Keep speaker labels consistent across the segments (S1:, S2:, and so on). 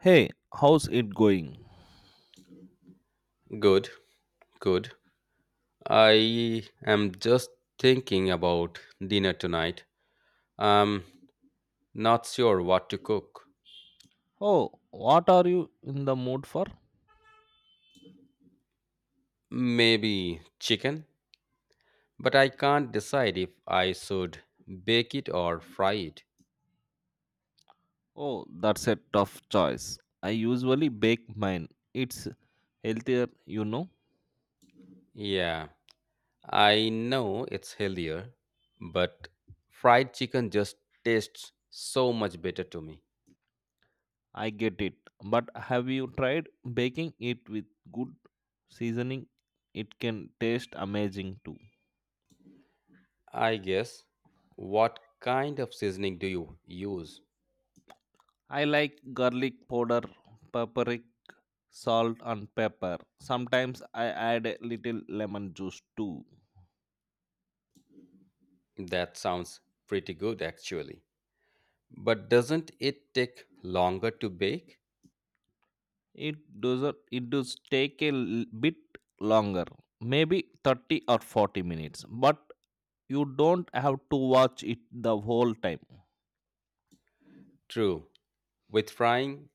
S1: Hey, how's it going?
S2: Good, good. I am just thinking about dinner tonight. I'm not sure what to cook.
S1: Oh, what are you in the mood for?
S2: Maybe chicken, but I can't decide if I should bake it or fry it.
S1: Oh, that's a tough choice. I usually bake mine. It's healthier, you know.
S2: Yeah, I know it's healthier, but fried chicken just tastes so much better to me.
S1: I get it. But have you tried baking it with good seasoning? It can taste amazing too.
S2: I guess. What kind of seasoning do you use?
S1: I like garlic powder, paprika, salt, and pepper. Sometimes I add a little lemon juice too.
S2: That sounds pretty good actually. But doesn't it take longer to bake?
S1: It does it does take a bit longer, maybe 30 or 40 minutes, but you don't have to watch it the whole time.
S2: True. With frying,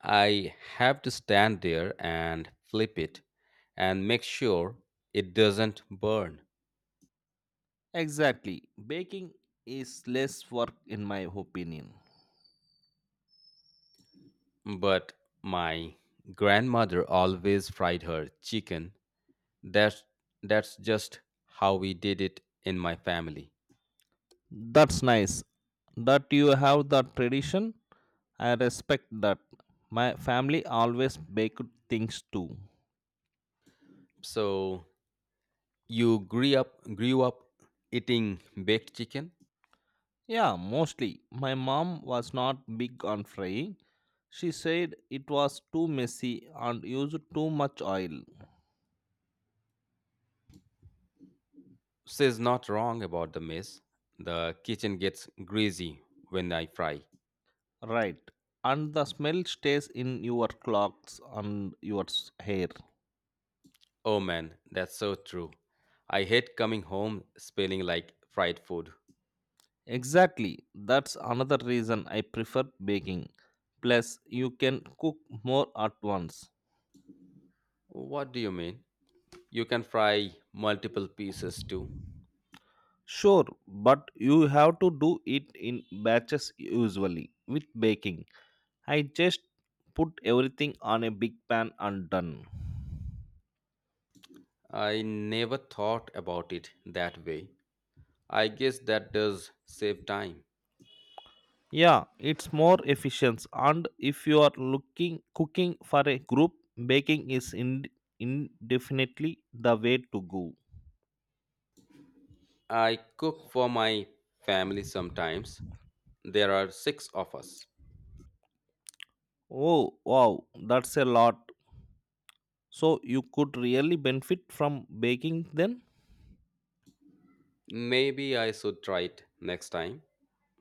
S2: I have to stand there and flip it and make sure it doesn't burn.
S1: Exactly, baking is less work in my opinion.
S2: But my grandmother always fried her chicken. That's that's just how we did it in my family.
S1: That's nice that you have that tradition. I respect that. My family always baked things too.
S2: So you grew up eating baked chicken?
S1: Yeah, mostly. My mom was not big on frying. She said it was too messy and used too much oil.
S2: Says not wrong about the mess. The kitchen gets greasy when I fry.
S1: Right. And the smell stays in your clothes and your hair.
S2: Oh man, that's so true. I hate coming home smelling like fried food.
S1: Exactly. That's another reason I prefer baking. Plus, you can cook more at once.
S2: What do you mean? You can fry multiple pieces too.
S1: Sure, but you have to do it in batches usually. With baking, I just put everything on a big pan and done.
S2: I never thought about it that way. I guess that does save time.
S1: Yeah, it's more efficient. And if you are looking cooking for a group, baking is in, indefinitely the way to go.
S2: I cook for my family sometimes. There are six of us.
S1: Oh wow, that's a lot. So you could really benefit from baking then?
S2: Maybe I should try it next time.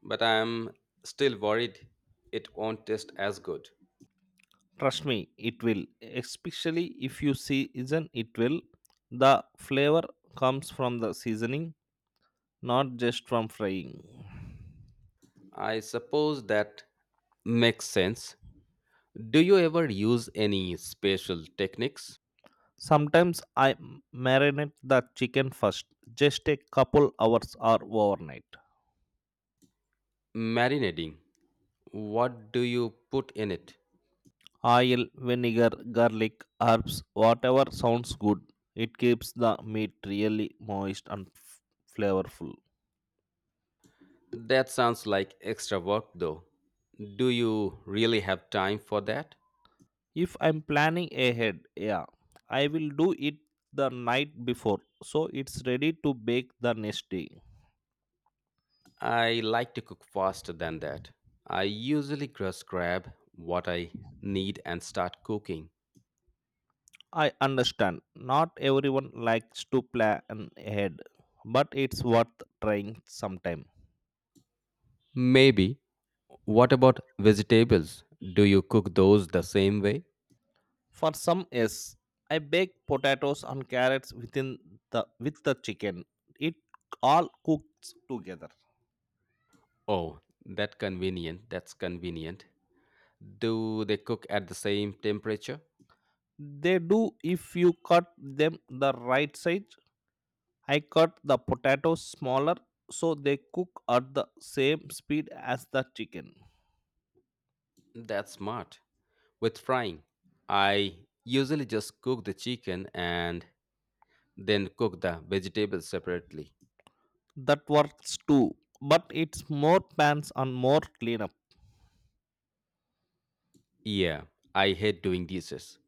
S2: But I am still worried it won't taste as good.
S1: Trust me, it will. Especially if you season it well. The flavor comes from the seasoning, not just from frying.
S2: I suppose that makes sense. Do you ever use any special techniques?
S1: Sometimes I marinate the chicken first, just a couple hours or overnight.
S2: Marinating. What do you put in it?
S1: Oil, vinegar, garlic, herbs, whatever sounds good. It keeps the meat really moist and flavorful.
S2: That sounds like extra work though. Do you really have time for that?
S1: If I'm planning ahead, yeah, I will do it the night before so it's ready to bake the next day.
S2: I like to cook faster than that. I usually just grab what I need and start cooking.
S1: I understand not everyone likes to plan ahead, but it's worth trying sometime.
S2: Maybe. What about vegetables? Do you cook those the same way?
S1: For some, yes. I bake potatoes and carrots with the chicken. It all cooks together.
S2: Oh, that convenient. That's convenient. Do they cook at the same temperature?
S1: They do if you cut them the right size. I cut the potatoes smaller so they cook at the same speed as the chicken.
S2: That's smart. With frying, I usually just cook the chicken and then cook the vegetables separately.
S1: That works too, but it's more pans and more cleanup.
S2: Yeah, I hate doing dishes.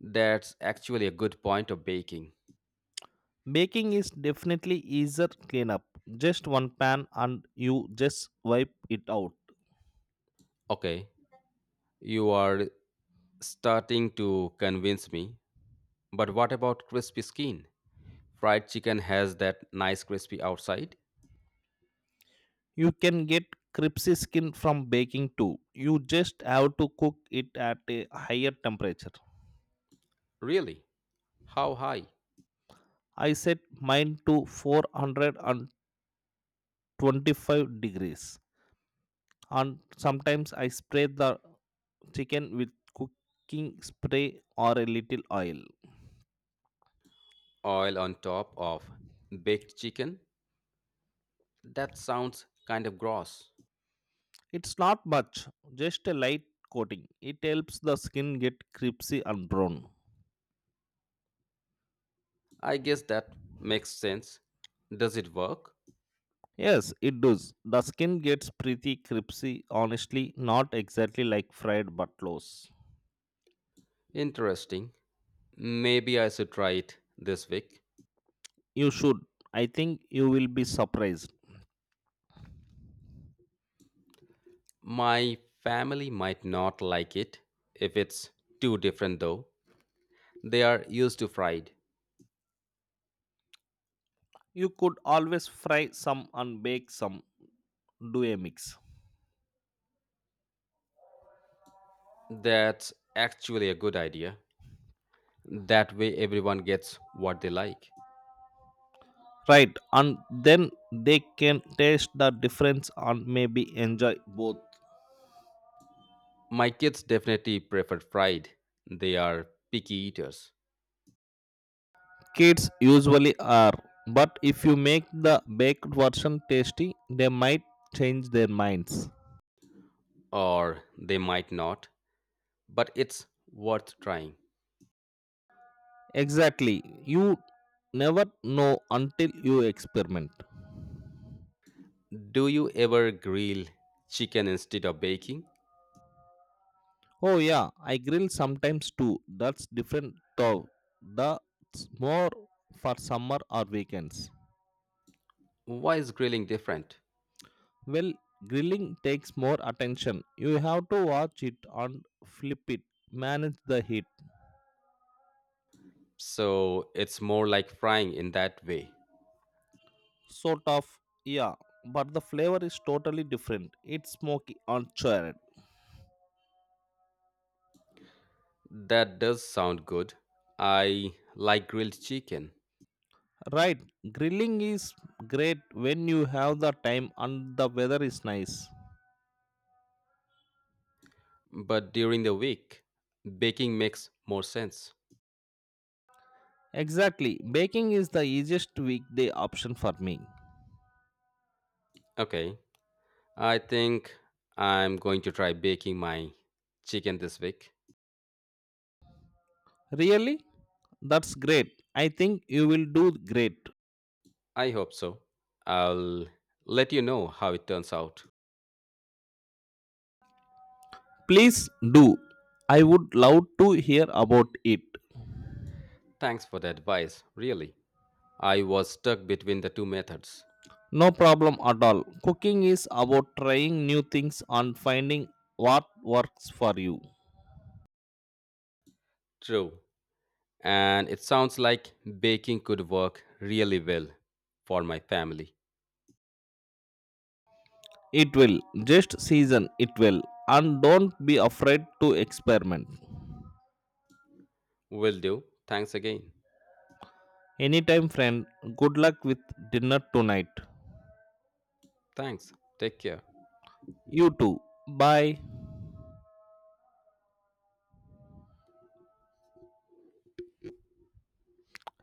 S2: That's actually a good point of baking.
S1: Baking is definitely easier cleanup. Just one pan and you just wipe it out.
S2: Okay, you are starting to convince me. But what about crispy skin? Fried chicken has that nice crispy outside.
S1: You can get crispy skin from baking too. You just have to cook it at a higher temperature.
S2: Really? How high?
S1: I set mine to 425 degrees and sometimes I spray the chicken with cooking spray or a little oil.
S2: Oil on top of baked chicken? That sounds kind of gross.
S1: It's not much, just a light coating. It helps the skin get crispy and brown.
S2: I guess that makes sense. Does it work?
S1: Yes, it does. The skin gets pretty crispy, honestly, not exactly like fried but loose.
S2: Interesting. Maybe I should try it this week.
S1: You should. I think you will be surprised.
S2: My family might not like it if it's too different, though. They are used to fried.
S1: You could always fry some and bake some, do a mix.
S2: That's actually a good idea. That way, everyone gets what they like.
S1: Right, and then they can taste the difference and maybe enjoy both.
S2: My kids definitely prefer fried. They are picky eaters,
S1: Kids usually are, but if you make the baked version tasty, they might change their minds.
S2: or they might not, but it's worth trying.
S1: Exactly, you never know until you experiment.
S2: Do you ever grill chicken instead of baking?
S1: Oh yeah, I grill sometimes too. That's different though. That's more for summer or weekends.
S2: Why is grilling different?
S1: Well, grilling takes more attention. You have to watch it and flip it, manage the heat.
S2: So it's more like frying in that way.
S1: Sort of, yeah, but the flavor is totally different. It's smoky and charred.
S2: That does sound good. I like grilled chicken,
S1: Right, grilling is great when you have the time and the weather is nice.
S2: but during the week, baking makes more sense.
S1: Exactly, baking is the easiest weekday option for me.
S2: Okay, I think I'm going to try baking my chicken this week.
S1: Really? That's great. I think you will do great.
S2: I hope so. I'll let you know how it turns out.
S1: Please do. I would love to hear about it.
S2: Thanks for the advice, really. I was stuck between the two methods.
S1: No problem at all. Cooking is about trying new things and finding what works for you.
S2: True. And it sounds like baking could work really well for my family.
S1: It will. Just season it will. And don't be afraid to experiment.
S2: Will do. Thanks again.
S1: Anytime, friend. Good luck with dinner tonight.
S2: Thanks. Take care.
S1: You too. Bye.